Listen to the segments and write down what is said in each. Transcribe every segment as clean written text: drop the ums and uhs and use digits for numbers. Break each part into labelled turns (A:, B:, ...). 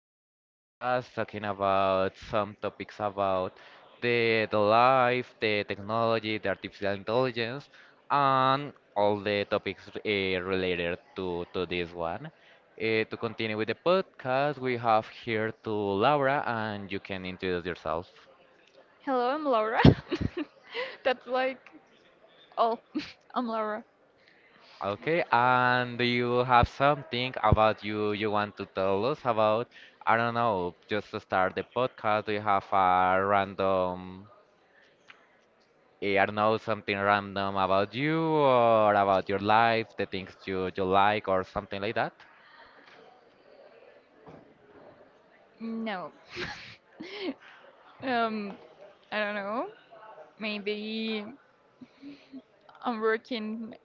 A: another podcast talking about some topics about the life, the technology, the artificial intelligence, and all the topics related to this one. To continue with the podcast, we have here to Laura, and you can introduce yourself.
B: Hello, I'm Laura. That's like all. I'm Laura.
A: Okay, and do you have something about you want to tell us about? I don't know, just to start the podcast, do you have a random, I don't know, something random about you or about your life, the things you like or something like that?
B: No. um, I don't know. Maybe I'm working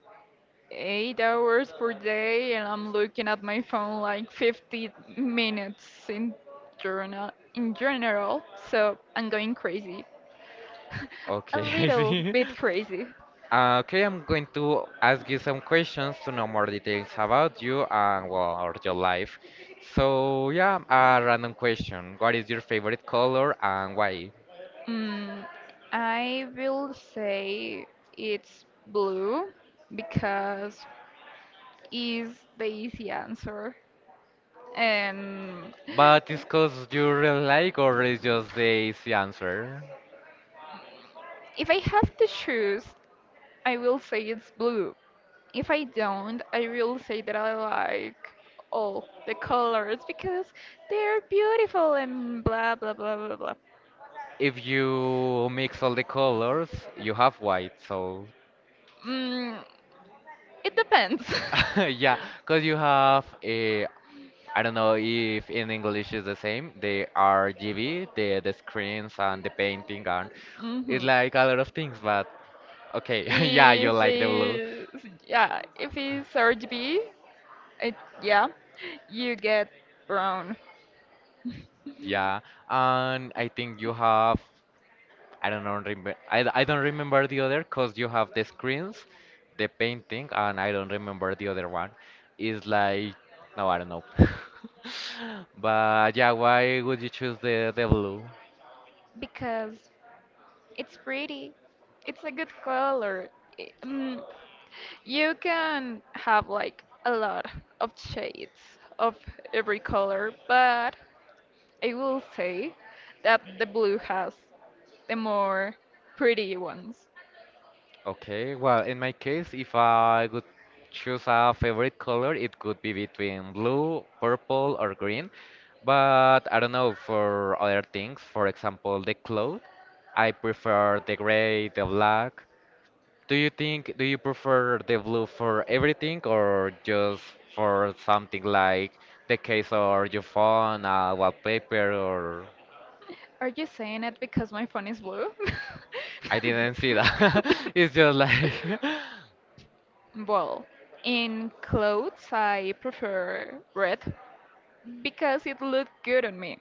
B: 8 hours per day and I'm looking at my phone like 50 minutes in journal in general. So I'm going crazy. A
A: Okay, I
B: little
A: see.
B: bit crazy.
A: Okay, I'm going to ask you some questions to know more details about you and, well, or your life. So, yeah, a random question. What is your favorite color and why?
B: Mm, I will say it's blue because is the easy answer. And
A: But it's cause you really like or it's just the easy answer?
B: if I have to choose, I will say it's blue. If I don't, I will say that I like all the colors because they're beautiful and blah blah blah blah blah.
A: If you mix all the colors, you have white, so
B: Mm, it depends.
A: yeah, cause you have a I don't know if in English is the same, the RGB, the screens and the painting and it's
B: Hmm.
A: like a lot of things, but okay, yeah, you
B: If
A: like the blue.
B: it's, yeah, if it's RGB, it, yeah, you get brown.
A: Yeah. And I think you have I don't know, remember. I don't remember the other because you have the screens, the painting, and I don't remember the other one. It's like, no, I don't know. But yeah, why would you choose the blue?
B: Because it's pretty. It's a good color. I- mm, you can have like a lot of shades of every color, but I will say that the blue has the more pretty ones.
A: Okay, well, in my case, if I would choose a favorite color, it could be between blue, purple, or green. But I don't know, for other things, for example, the clothes, I prefer the gray, the black. Do you think, do you prefer the blue for everything or just for something like the case or your phone, wallpaper, or
B: Are you saying it because my phone is blue?
A: I didn't see that. It's just like,
B: Well, in clothes, I prefer red because it looked good on me.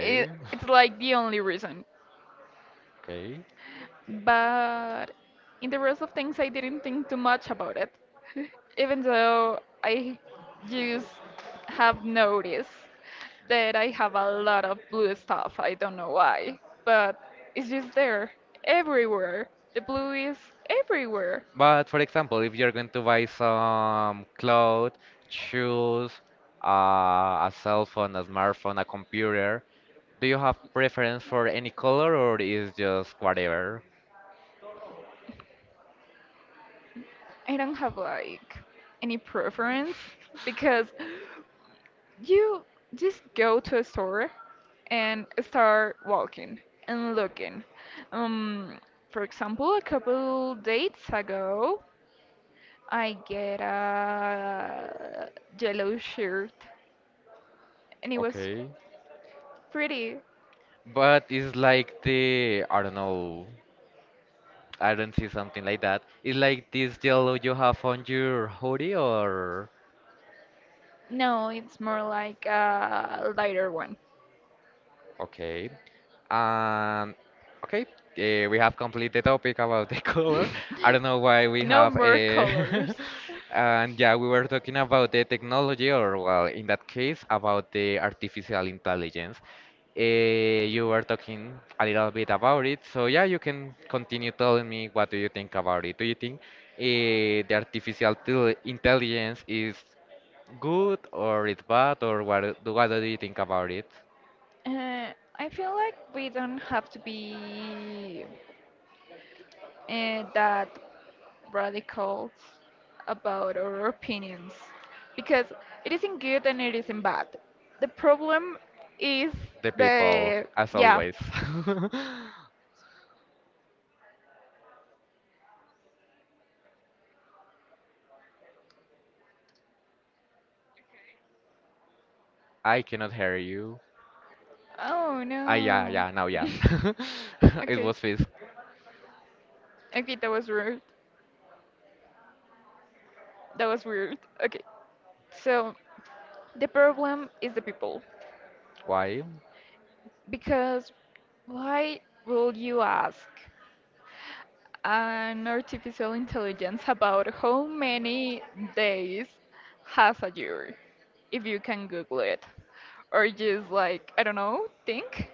B: It, it's like the only reason.
A: okay.
B: But in the rest of things, I didn't think too much about it, even though I just have noticed that I have a lot of blue stuff. I don't know why, but it's just there, everywhere. The blue is everywhere.
A: But for example, if you're going to buy some clothes, shoes, a cell phone, a smartphone, a computer, do you have preference for any color or is just whatever?
B: I don't have like any preference because you just go to a store and start walking and looking. Um, for example, a couple dates ago, I get a yellow shirt and it was
A: Okay.
B: pretty.
A: But it's like the, I don't know, I don't see something like that. It's like this yellow you have on your hoodie or,
B: No, it's more like a lighter one.
A: okay, and okay, we have completed the topic about the color. I don't know why we
B: No
A: have
B: more
A: a.
B: colors.
A: And yeah, we were talking about the technology, or well, in that case, about the artificial intelligence. You were talking a little bit about it, so yeah, you can continue telling me what do you think about it. Do you think intelligence is good or it's bad, or what do you think about it?
B: Uh, I feel like we don't have to be that radicals about our opinions because it isn't good and it isn't bad. The problem is
A: The people,
B: the
A: as
B: yeah.
A: always.
B: Okay.
A: I cannot hear you.
B: Oh
A: Yeah,
B: no.
A: yeah, now yeah. It
B: Okay.
A: was this
B: Okay, that was rude. That was weird. Okay. So the problem is the people.
A: why?
B: Because why will you ask an artificial intelligence about how many days has a year if you can Google it? Or just like, I don't know, think?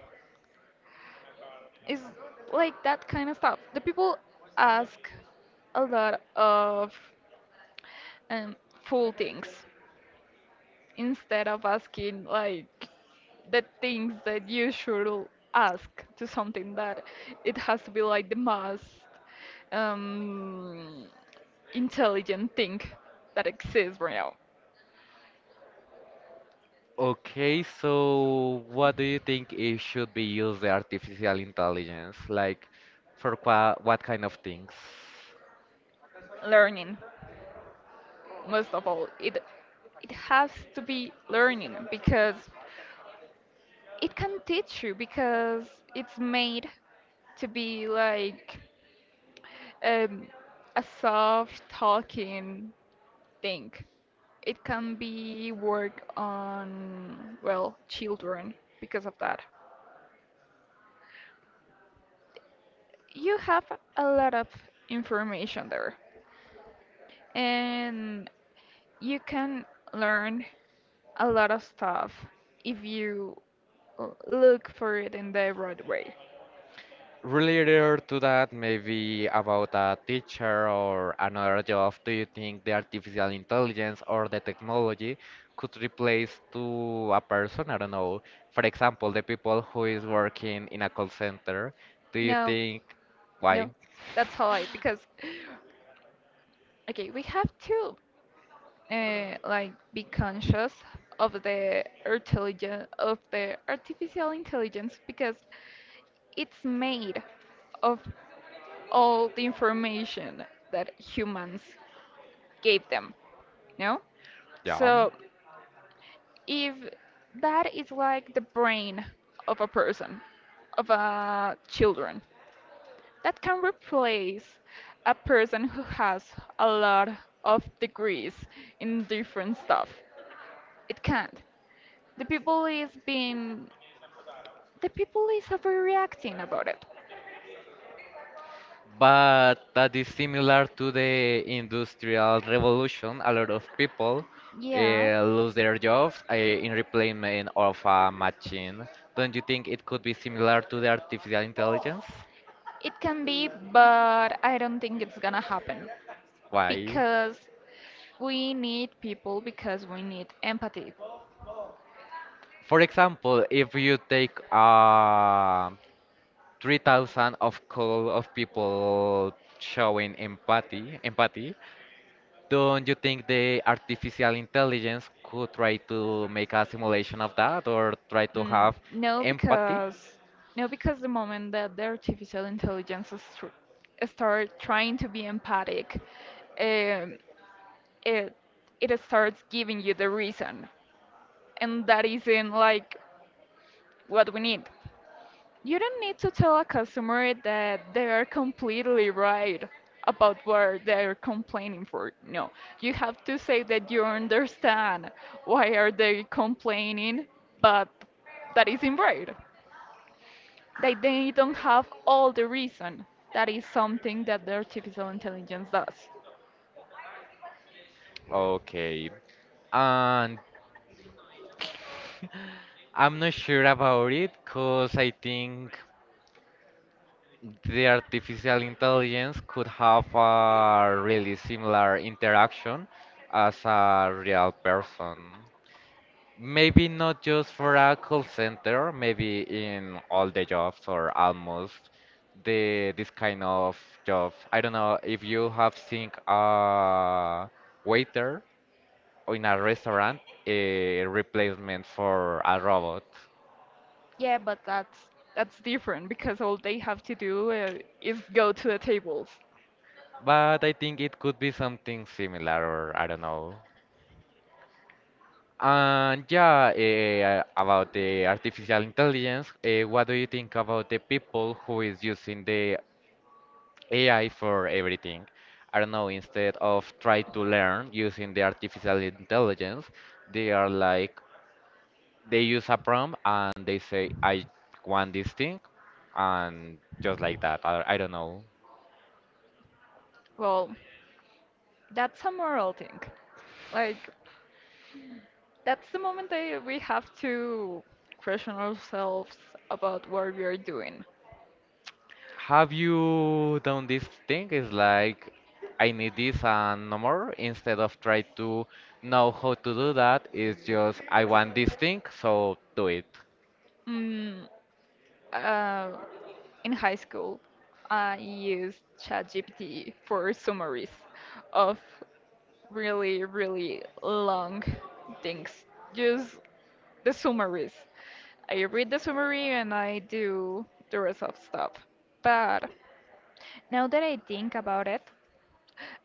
B: It's like that kind of stuff. The people ask a lot of um, full things instead of asking like the things that you should ask to something that it has to be like the most um, intelligent thing that exists right now.
A: Okay, so what do you think it should be used the artificial intelligence? Like, for qua what kind of things?
B: Learning, most of all, it has to be learning because it can teach you because it's made to be like um, a soft talking think. It can be work on, well, children because of that. You have a lot of information there, and you can learn a lot of stuff if you look for it in the right way.
A: Related to that, maybe about a teacher or another job, do you think the artificial intelligence or the technology could replace to a person? I don't know. For example, the people who is working in a call center, do you
B: No,
A: think why?
B: no, that's all I because okay, we have to like be conscious of the intelligence of the artificial intelligence because it's made of all the information that humans gave them, no,
A: Yeah.
B: so if that is like the brain of a person of a children that can replace a person who has a lot of degrees in different stuff, it can't. The people is being the people is overreacting about it.
A: But that is similar to the Industrial Revolution. A lot of people
B: Yeah.
A: lose their jobs in replacement of a machine. Don't you think it could be similar to the artificial intelligence?
B: It can be, but I don't think it's gonna happen
A: Why?
B: because we need people because we need empathy.
A: For example, if you take 3,000 of call of people showing empathy, don't you think the artificial intelligence could try to make a simulation of that or try to
B: Mm, have
A: have
B: no,
A: empathy?
B: because No, because the moment that the artificial intelligence is tr start trying to be empathic, um, it it starts giving you the reason, and that isn't like what we need. You don't need to tell a customer that they are completely right about what they're complaining for. No, you have to say that you understand why are they complaining, but that isn't right. That they don't have all the reason. That is something that the artificial intelligence does.
A: Okay. And I'm not sure about it because I think the artificial intelligence could have a really similar interaction as a real person. Maybe not just for a call center, maybe in all the jobs or almost the this kind of job. I don't know if you have seen a waiter in a restaurant, a replacement for a robot.
B: Yeah, but that's different because all they have to do is go to the tables.
A: But I think it could be something similar, or I don't know. And yeah, about the artificial intelligence, what do you think about the people who is using the AI for everything. I don't know, instead of try to learn using the artificial intelligence, they are like they use a prompt and they say, I want this thing and just like that. I don't know.
B: Well, that's a moral thing. Like that's the moment that we have to question ourselves about what we are doing.
A: Have you done this thing? It's like I need this and no more. Instead of try to know how to do that, it's just I want this thing, so do it.
B: Mm, uh, in high school, I used ChatGPT for summaries of really, really long things. Just the summaries. I read the summary and I do the rest of stuff. But now that I think about it,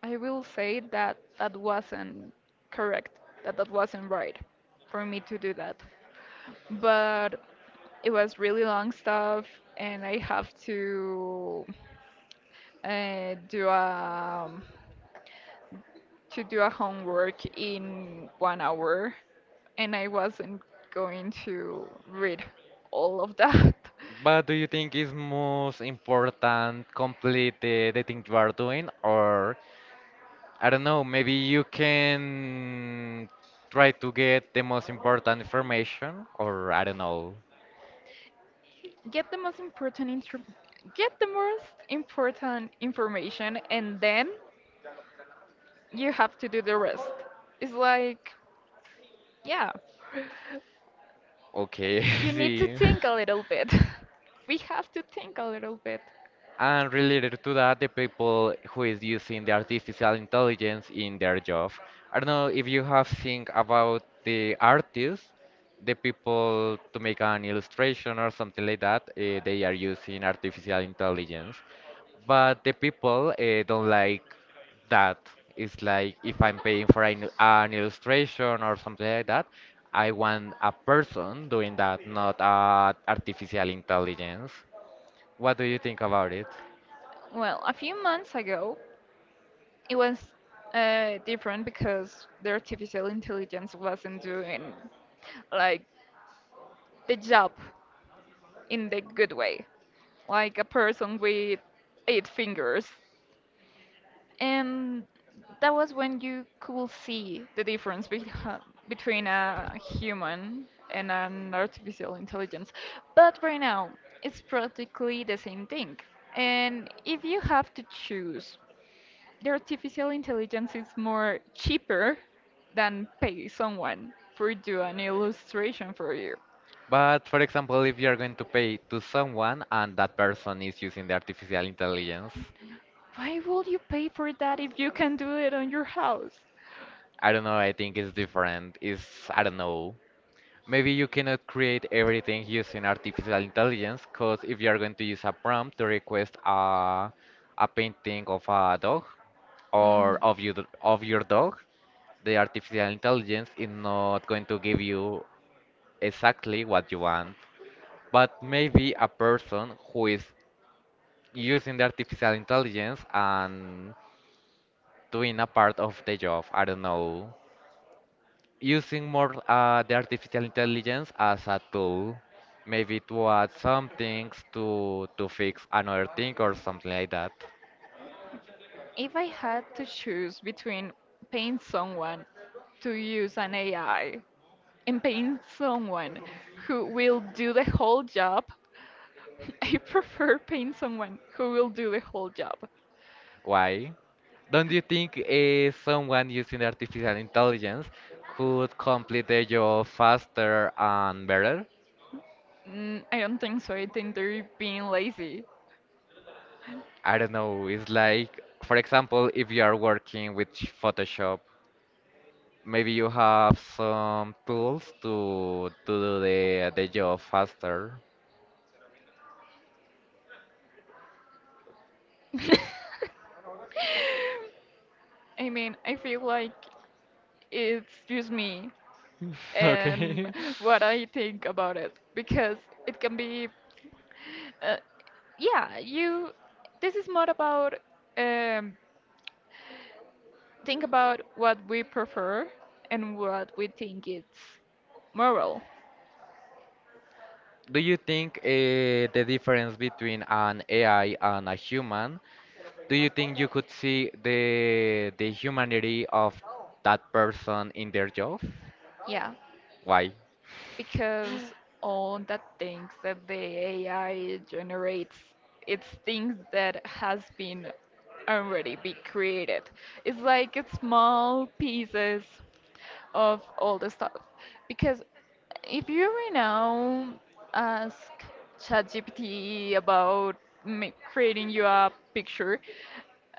B: I will say that that wasn't correct, that that wasn't right for me to do that. But it was really long stuff, and I have to do a to do a homework in 1 hour, and I wasn't going to read all of that.
A: But do you think it's most important complete the thing you are doing, or I don't know, maybe you can try to get the most important information, or I don't know.
B: Get the most important intro get the most important information, and then you have to do the rest. It's like, yeah,
A: Okay,
B: you need to
A: see.
B: think a little bit. We have to think a little bit.
A: And related to that, the people who is using the artificial intelligence in their job. I don't know if you have think about the artists, the people to make an illustration or something like that, they are using artificial intelligence. But the people don't like that. It's like if I'm paying for an illustration or something like that, I want a person doing that, not a artificial intelligence. What do you think about it?
B: Well, a few months ago, it was different because the artificial intelligence wasn't doing like the job in the good way, like a person with eight fingers. And that was when you could see the difference be between a human and an artificial intelligence. But right now, it's practically the same thing. And if you have to choose, the artificial intelligence is more cheaper than pay someone for do an illustration for you.
A: But for example, if you're going to pay to someone and that person is using the artificial intelligence,
B: Why would you pay for that if you can do it on your house?
A: I don't know, I think it's different. It's, I don't know. Maybe you cannot create everything using artificial intelligence, because if you're going to use a prompt to request a painting of a dog or
B: Mhm.
A: of you of your dog, the artificial intelligence is not going to give you exactly what you want. But maybe a person who is using the artificial intelligence and doing a part of the job. I don't know. Using more the artificial intelligence as a tool, maybe to add some things to fix another thing or something like that.
B: If I had to choose between paying someone to use an AI and paying someone who will do the whole job, I prefer paying someone who will do the whole job.
A: Why? Don't you think someone using artificial intelligence could complete their job faster and better?
B: Mm, I don't think so. I think they're being lazy.
A: I don't know. It's like, for example, if you are working with Photoshop maybe you have some tools to do the job faster.
B: I mean, I feel like it's just me and
A: Okay.
B: what I think about it because it can be, uh, yeah, you. This is more about um, think about what we prefer and what we think it's moral.
A: Do you think the difference between an AI and a human? Do you think you could see the humanity of that person in their job?
B: Yeah,
A: Why?
B: because all the things that the AI generates, it's things that has been already be created. It's like small pieces of all the stuff. Because if you right now ask ChatGPT about creating you a picture,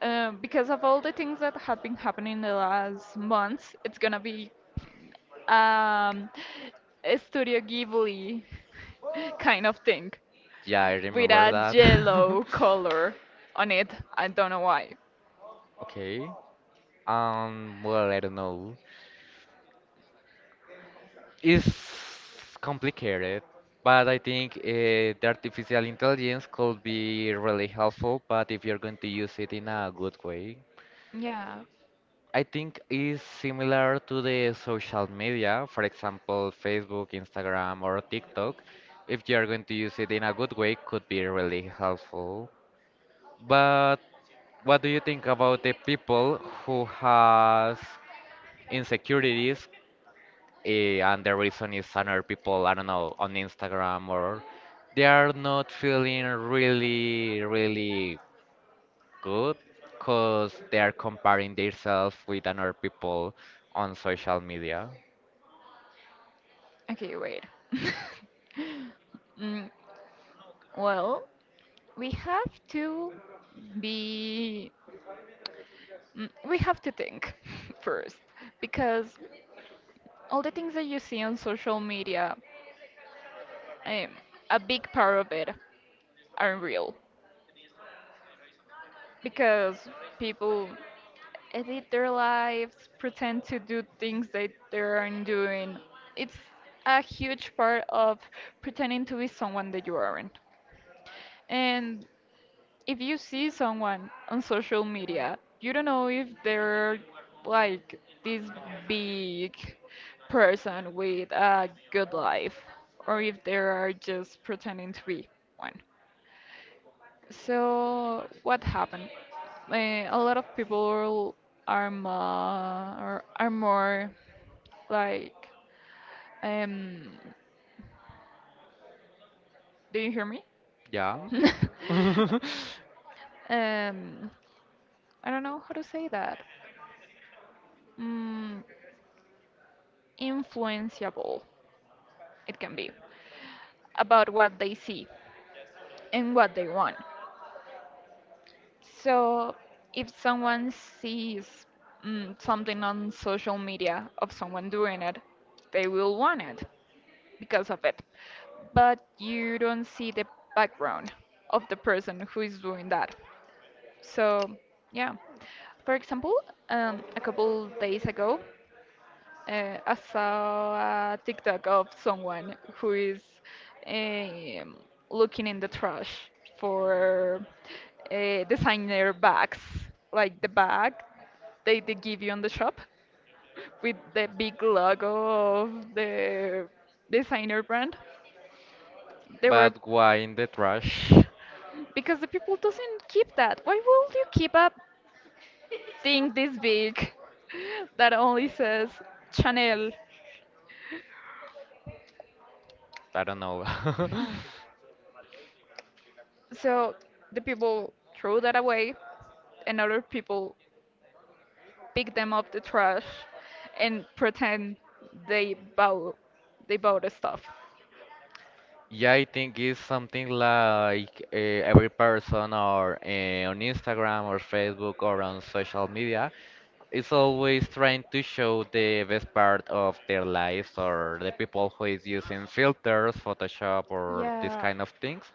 B: because of all the things that have been happening in the last months, it's gonna be um, a Studio Ghibli kind of thing
A: Yeah, I
B: with
A: remember
B: a
A: that.
B: yellow color on it. I don't know why.
A: Okay. Well, I don't know. It's complicated, but I think the artificial intelligence could be really helpful, but if you're going to use it in a good way.
B: Yeah.
A: I think is similar to the social media, for example, Facebook, Instagram, or TikTok. If you're going to use it in a good way, could be really helpful. But what do you think about the people who has insecurities and the reason is other people, I don't know, on Instagram or they are not feeling really, really good because they are comparing themselves with other people on social media.
B: Okay, wait. mm, well, we have to be we have to think first because all the things that you see on social media, um, a big part of it aren't real because people edit their lives pretend to do things that they aren't doing. It's a huge part of pretending to be someone that you aren't, and if you see someone on social media, you don't know if they're like this big person with a good life or if they are just pretending to be one. So, what happened? Eh, a lot of people are more, are more like, um, do you hear me?
A: Yeah.
B: um, I don't know how to say that. Mm, influenceable it can be about what they see and what they want. So if someone sees something on social media of someone doing it, they will want it because of it. But you don't see the background of the person who is doing that. So yeah. For example, a couple days ago, uh, I saw a TikTok of someone who is um, looking in the trash for designer bags, like the bag they give you on the shop with the big logo of the designer brand. They were
A: But why in the trash?
B: because the people doesn't keep that. Why would you keep a thing this big that only says Chanel?
A: I don't know.
B: So the people threw that away and other people pick them up the trash and pretend they bought they bought the stuff.
A: Yeah, I think it's something like every person or on Instagram or Facebook or on social media it's always trying to show the best part of their lives or the people who is using filters, Photoshop, or this
B: Yeah.
A: kind of things.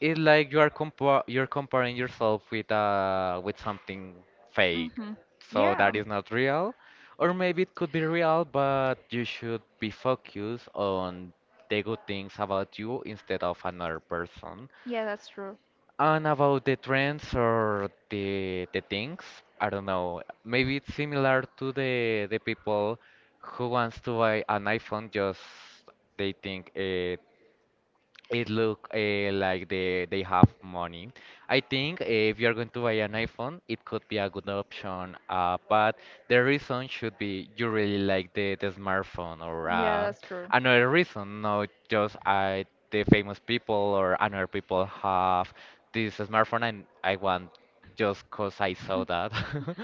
A: It's like you are compa you're comparing yourself with something fake,
B: Mhm.
A: so that
B: Yeah.
A: is not real, or maybe it could be real, but you should be focused on the good things about you instead of another person.
B: Yeah, that's true.
A: And about the trends or the things, I don't know. Maybe it's similar to the people who wants to buy an iPhone, just they think it look like they have money. I think if you're going to buy an iPhone, it could be a good option. But the reason should be you really like the smartphone or
B: Yeah, that's true.
A: another reason, not just I the famous people or another people have this smartphone and I want just 'cause I saw that.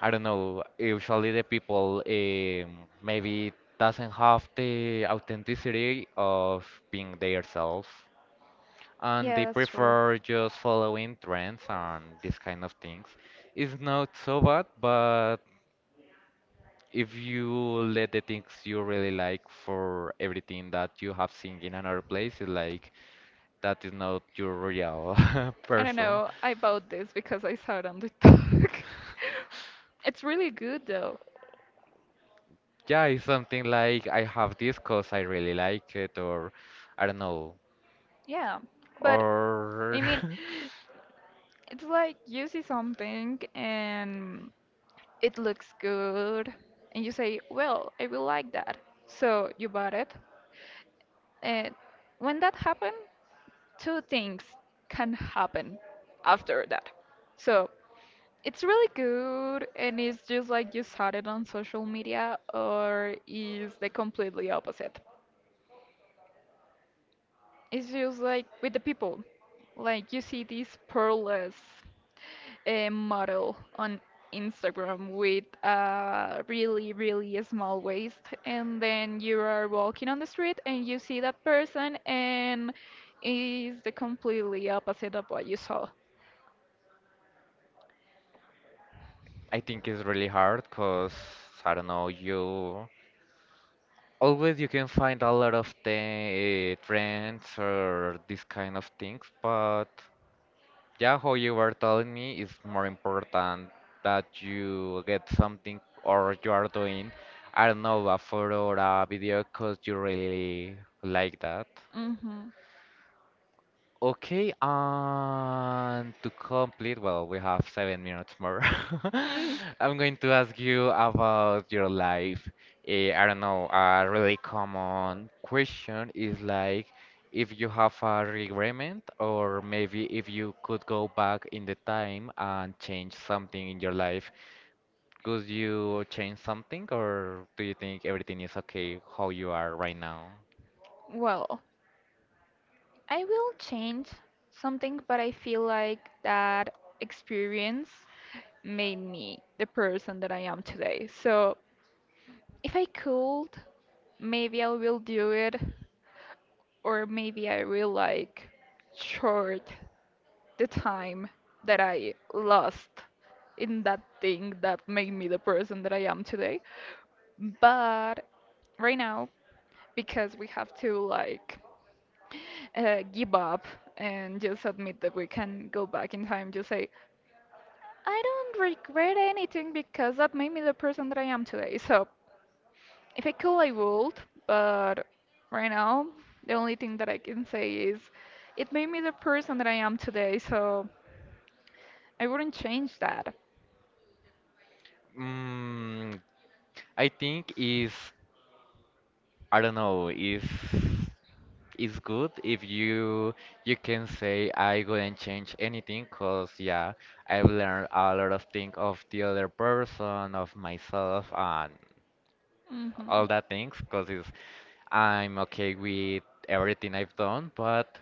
A: I don't know, usually the people maybe doesn't have the authenticity of being themselves and
B: Yeah,
A: they
B: that's true.
A: prefer just following trends and these kind of things. It's not so bad, but if you let the things you really like for everything that you have seen in another place, it's like that is not your real
B: I don't
A: person.
B: know. I bought this because I saw it on the talk. It's really good though.
A: Yeah, it's something like I have this 'cause I really like it, or I don't know,
B: Yeah. But
A: or
B: I mean, it's like you see something and it looks good and you say, "Well, I will like that." So you bought it. And when that happens, two things can happen after that. So it's really good, and it's just like you saw it on social media, or is the completely opposite? It's just like with the people, like you see this pearless model on Instagram with a really, really small waist, and then you are walking on the street and you see that person, and is the completely opposite of what you saw.
A: I think it's really hard because I don't know, you always you can find a lot of the trends or this kind of things, but yeah, how you were telling me is more important that you get something or you are doing, I don't know, a photo or a video because you really like that.
B: Mm-hmm.
A: Okay, and to complete, well, we have 7 minutes more.
B: Mm.
A: I'm going to ask you about your life. I don't know, a really common question is like if you have a regret, or maybe if you could go back in the time and change something in your life, could you change something, or do you think everything is okay how you are right now?
B: Well. I will change something, but I feel like that experience made me the person that I am today. So if I could, maybe I will do it, or maybe I will like short the time that I lost in that thing that made me the person that I am today. But right now, because we have to like give up and just admit that we can go back in time, just say, I don't regret anything because that made me the person that I am today. So if I could, I would, but right now, the only thing that I can say is it made me the person that I am today, so I wouldn't change that.
A: Mm, I think is. I don't know if it's good if you can say I wouldn't change anything because yeah, I've learned a lot of things of the other person of myself and
B: Hmm.
A: all that things because it's I'm okay with everything I've done, but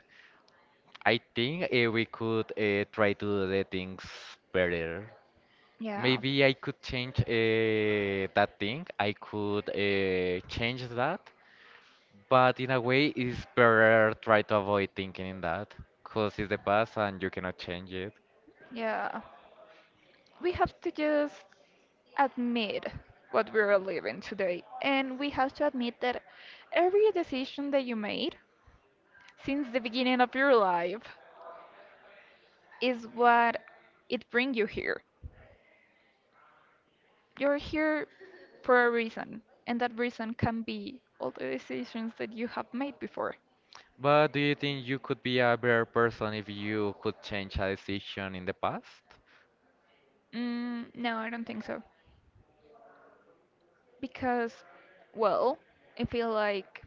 A: I think we could try to do the things better.
B: Yeah.
A: Maybe I could change that thing. I could change that. But in a way, it's better try to avoid thinking in that, because it's the past and you cannot change it.
B: Yeah. We have to just admit what we are living today. And we have to admit that every decision that you made since the beginning of your life is what it bring you here. You're here for a reason, and that reason can be all the decisions that you have made before.
A: But do you think you could be a better person if you could change a decision in the past?
B: Mm, no, I don't think so. Because, well, I feel like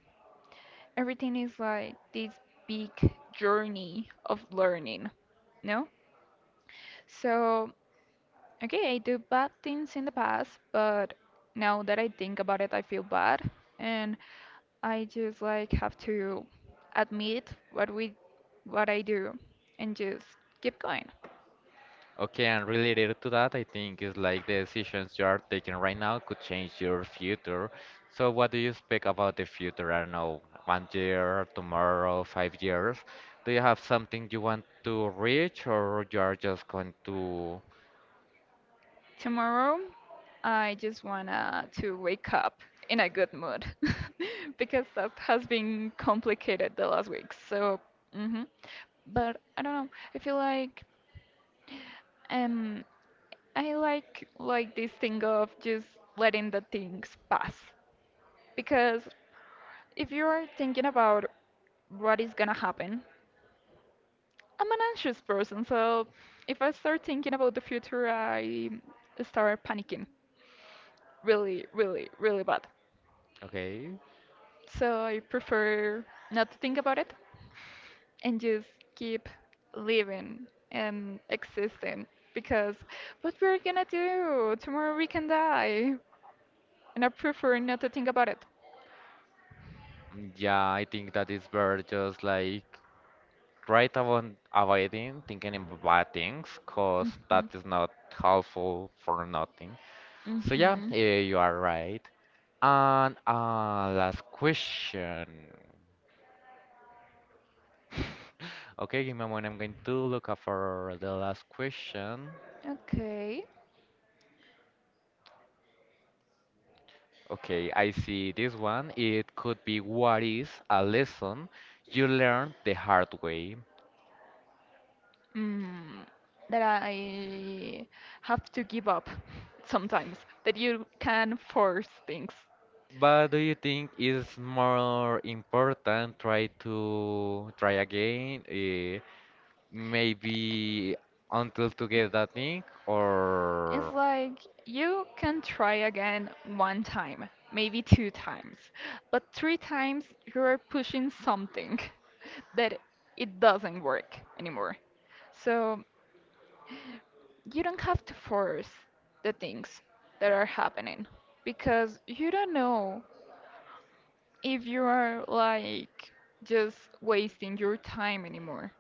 B: everything is like this big journey of learning, no? So, okay, I do bad things in the past, but now that I think about it, I feel bad. And I just like have to admit what I do and just keep going.
A: Okay, and related to that, I think is like the decisions you are taking right now could change your future. So what do you expect about the future? I don't know, 1 year, tomorrow, 5 years. Do you have something you want to reach, or you are just going to?
B: Tomorrow, I just wanna to wake up in a good mood because that has been complicated the last week. So, mhm. But I don't know. I feel like Um, I like this thing of just letting the things pass because if you are thinking about what is gonna happen, I'm an anxious person, so if I start thinking about the future, I start panicking really, really, really bad.
A: Okay.
B: So I prefer not to think about it and just keep living and existing because what we're gonna do? Tomorrow we can die. And I prefer not to think about it.
A: Yeah, I think that is better just like right about avoiding thinking about bad things, cause that
B: Mhm.
A: is not helpful for nothing. So yeah,
B: Mhm.
A: you are right. And last question. Okay, give me a moment. I'm going to look up for the last question.
B: Okay.
A: Okay, I see this one. It could be what is a lesson you learned the hard way?
B: Mm, that I have to give up sometimes. That you can force things.
A: But do you think it's more important try to try again, maybe until to get that thing,
B: It's
A: or
B: like you can try again one time, maybe two times, but three times you're pushing something that it doesn't work anymore. So you don't have to force the things that are happening because you don't know if you are like just wasting your time anymore.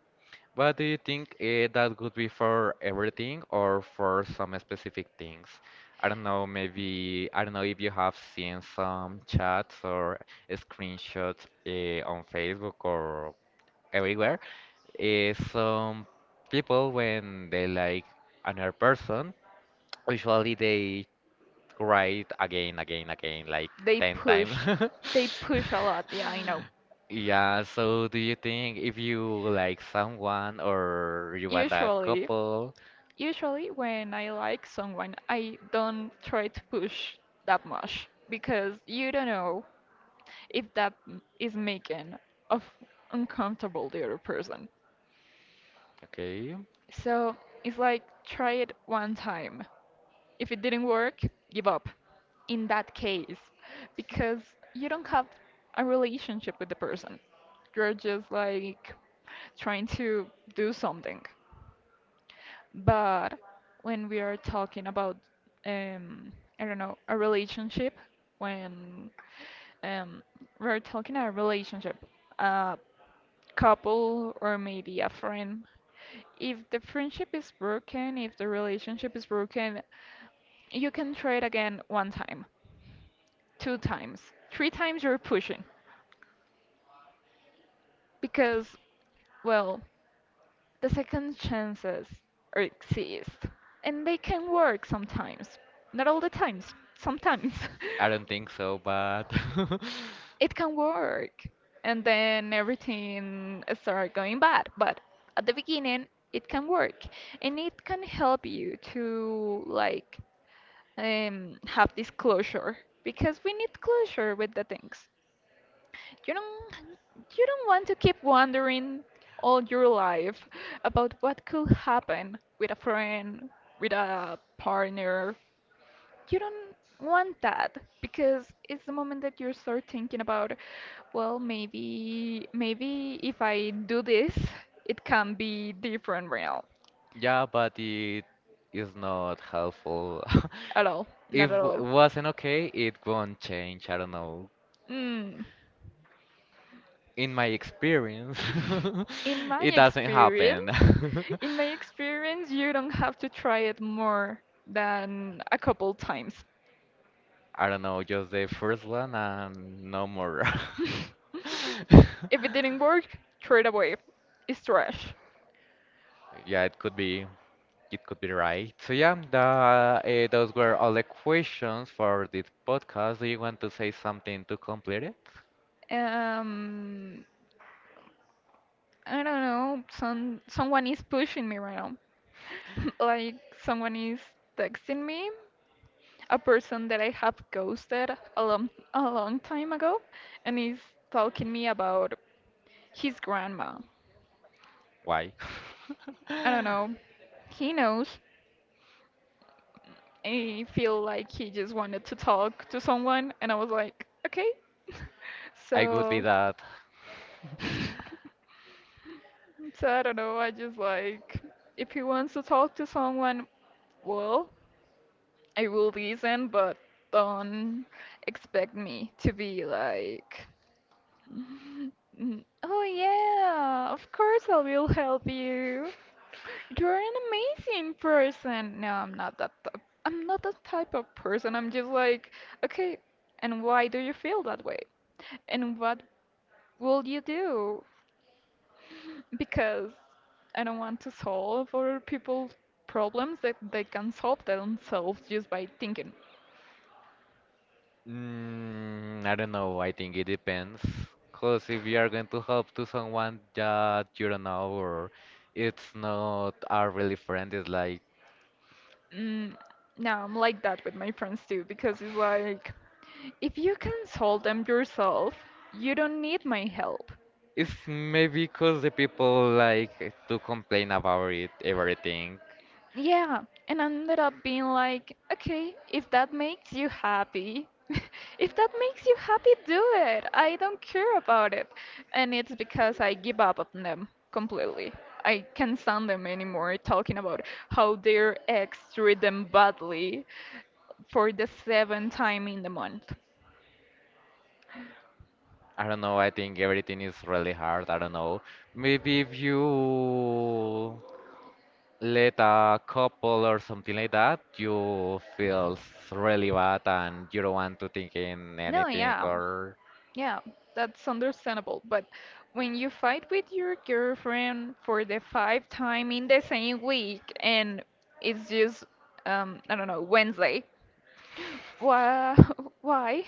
A: but do you think that would be for everything or for some specific things? I don't know, maybe I don't know if you have seen some chats or screenshots on Facebook or everywhere. Some people when they like another person usually they write again, again, again, like
B: They
A: 10 times.
B: push, they push a lot. Yeah, I know.
A: Yeah, so do you think if you like someone or you want a
B: Usually,
A: couple?
B: usually when I like someone, I don't try to push that much because you don't know if that is making of uncomfortable the other person.
A: Okay,
B: So it's like try it one time. If it didn't work, give up in that case because you don't have a relationship with the person. You're just like trying to do something. But when we are talking about, um, I don't know, a relationship, when um, we're talking a relationship, a couple or maybe a friend, if the friendship is broken, if the relationship is broken, you can try it again one time, two times, three times you're pushing. Because, well, the second chances are exist, and they can work sometimes. Not all the times, sometimes.
A: I don't think so, but
B: It can work, and then everything start going bad. But at the beginning, it can work, and it can help you to like have this closure because we need closure with the things. You don't you don't want to keep wondering all your life about what could happen with a friend, with a partner. You don't want that because it's the moment that you start thinking about, well, maybe if I do this, it can be different real.
A: yeah, but it is not helpful.
B: At all.
A: If
B: Not at all.
A: wasn't okay, it won't change. I don't know.
B: Mm.
A: In my experience,
B: In my
A: it doesn't
B: experience,
A: happen.
B: in my experience, you don't have to try it more than a couple times.
A: I don't know, just the first one and no more.
B: If it didn't work, throw it away. It's trash.
A: Yeah, it could be right. So yeah, those were all the questions for this podcast. Do you want to say something to complete it?
B: Um, I don't know. Someone is pushing me right now. Like someone is texting me, a person that I have ghosted a long time ago, and he's talking me about his grandma.
A: Why?
B: I don't know. He knows. I feel like he just wanted to talk to someone, and I was like, okay.
A: I would be
B: So,
A: that.
B: I don't know. I just like, if he wants to talk to someone, well, I will listen, but don't expect me to be like, "Mm, oh yeah, of course I will help you. You're an amazing person. No, I'm not that. I'm not that type of person. I'm just like, okay, and why do you feel that way? And what will you do? Because I don't want to solve other people's problems that they can solve themselves just by thinking.
A: Mm, I don't know. I think it depends. Because if you are going to help to someone that you don't know or it's not a really friend, it's like
B: Mm, now I'm like that with my friends too, because it's like, if you can solve them yourself, you don't need my help.
A: it's maybe because the people like to complain about it, everything.
B: Yeah, and I ended up being like, okay, if that makes you happy, if that makes you happy, do it. I don't care about it. And it's because I give up on them completely. I can't stand them anymore talking about how their ex treated them badly for the seventh time in the month.
A: I don't know. I think everything is really hard. I don't know. Maybe if you let a couple or something like that, you feels really bad and you don't want to think in
B: No,
A: anything
B: yeah.
A: or.
B: Yeah, that's understandable. But when you fight with your girlfriend for the five time in the same week and it's just I don't know, Wednesday, why, why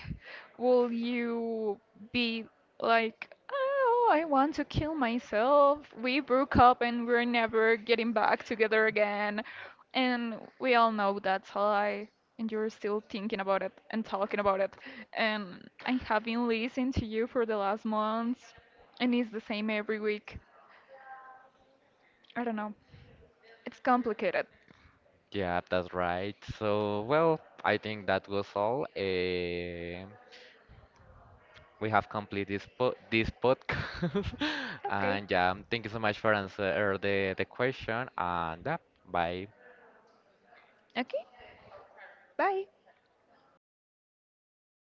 B: will you be like, oh, I want to kill myself. We broke up and we're never getting back together again. And we all know that's a lie. And you're still thinking about it and talking about it. And I have been listening to you for the last months, and it's the same every week. I don't know. It's complicated.
A: Yeah, that's right. So, well, I think that was all. Eh, we have completed this po this podcast,
B: Okay.
A: and yeah, thank you so much for answer the question. And yeah, bye.
B: Okay. Bye.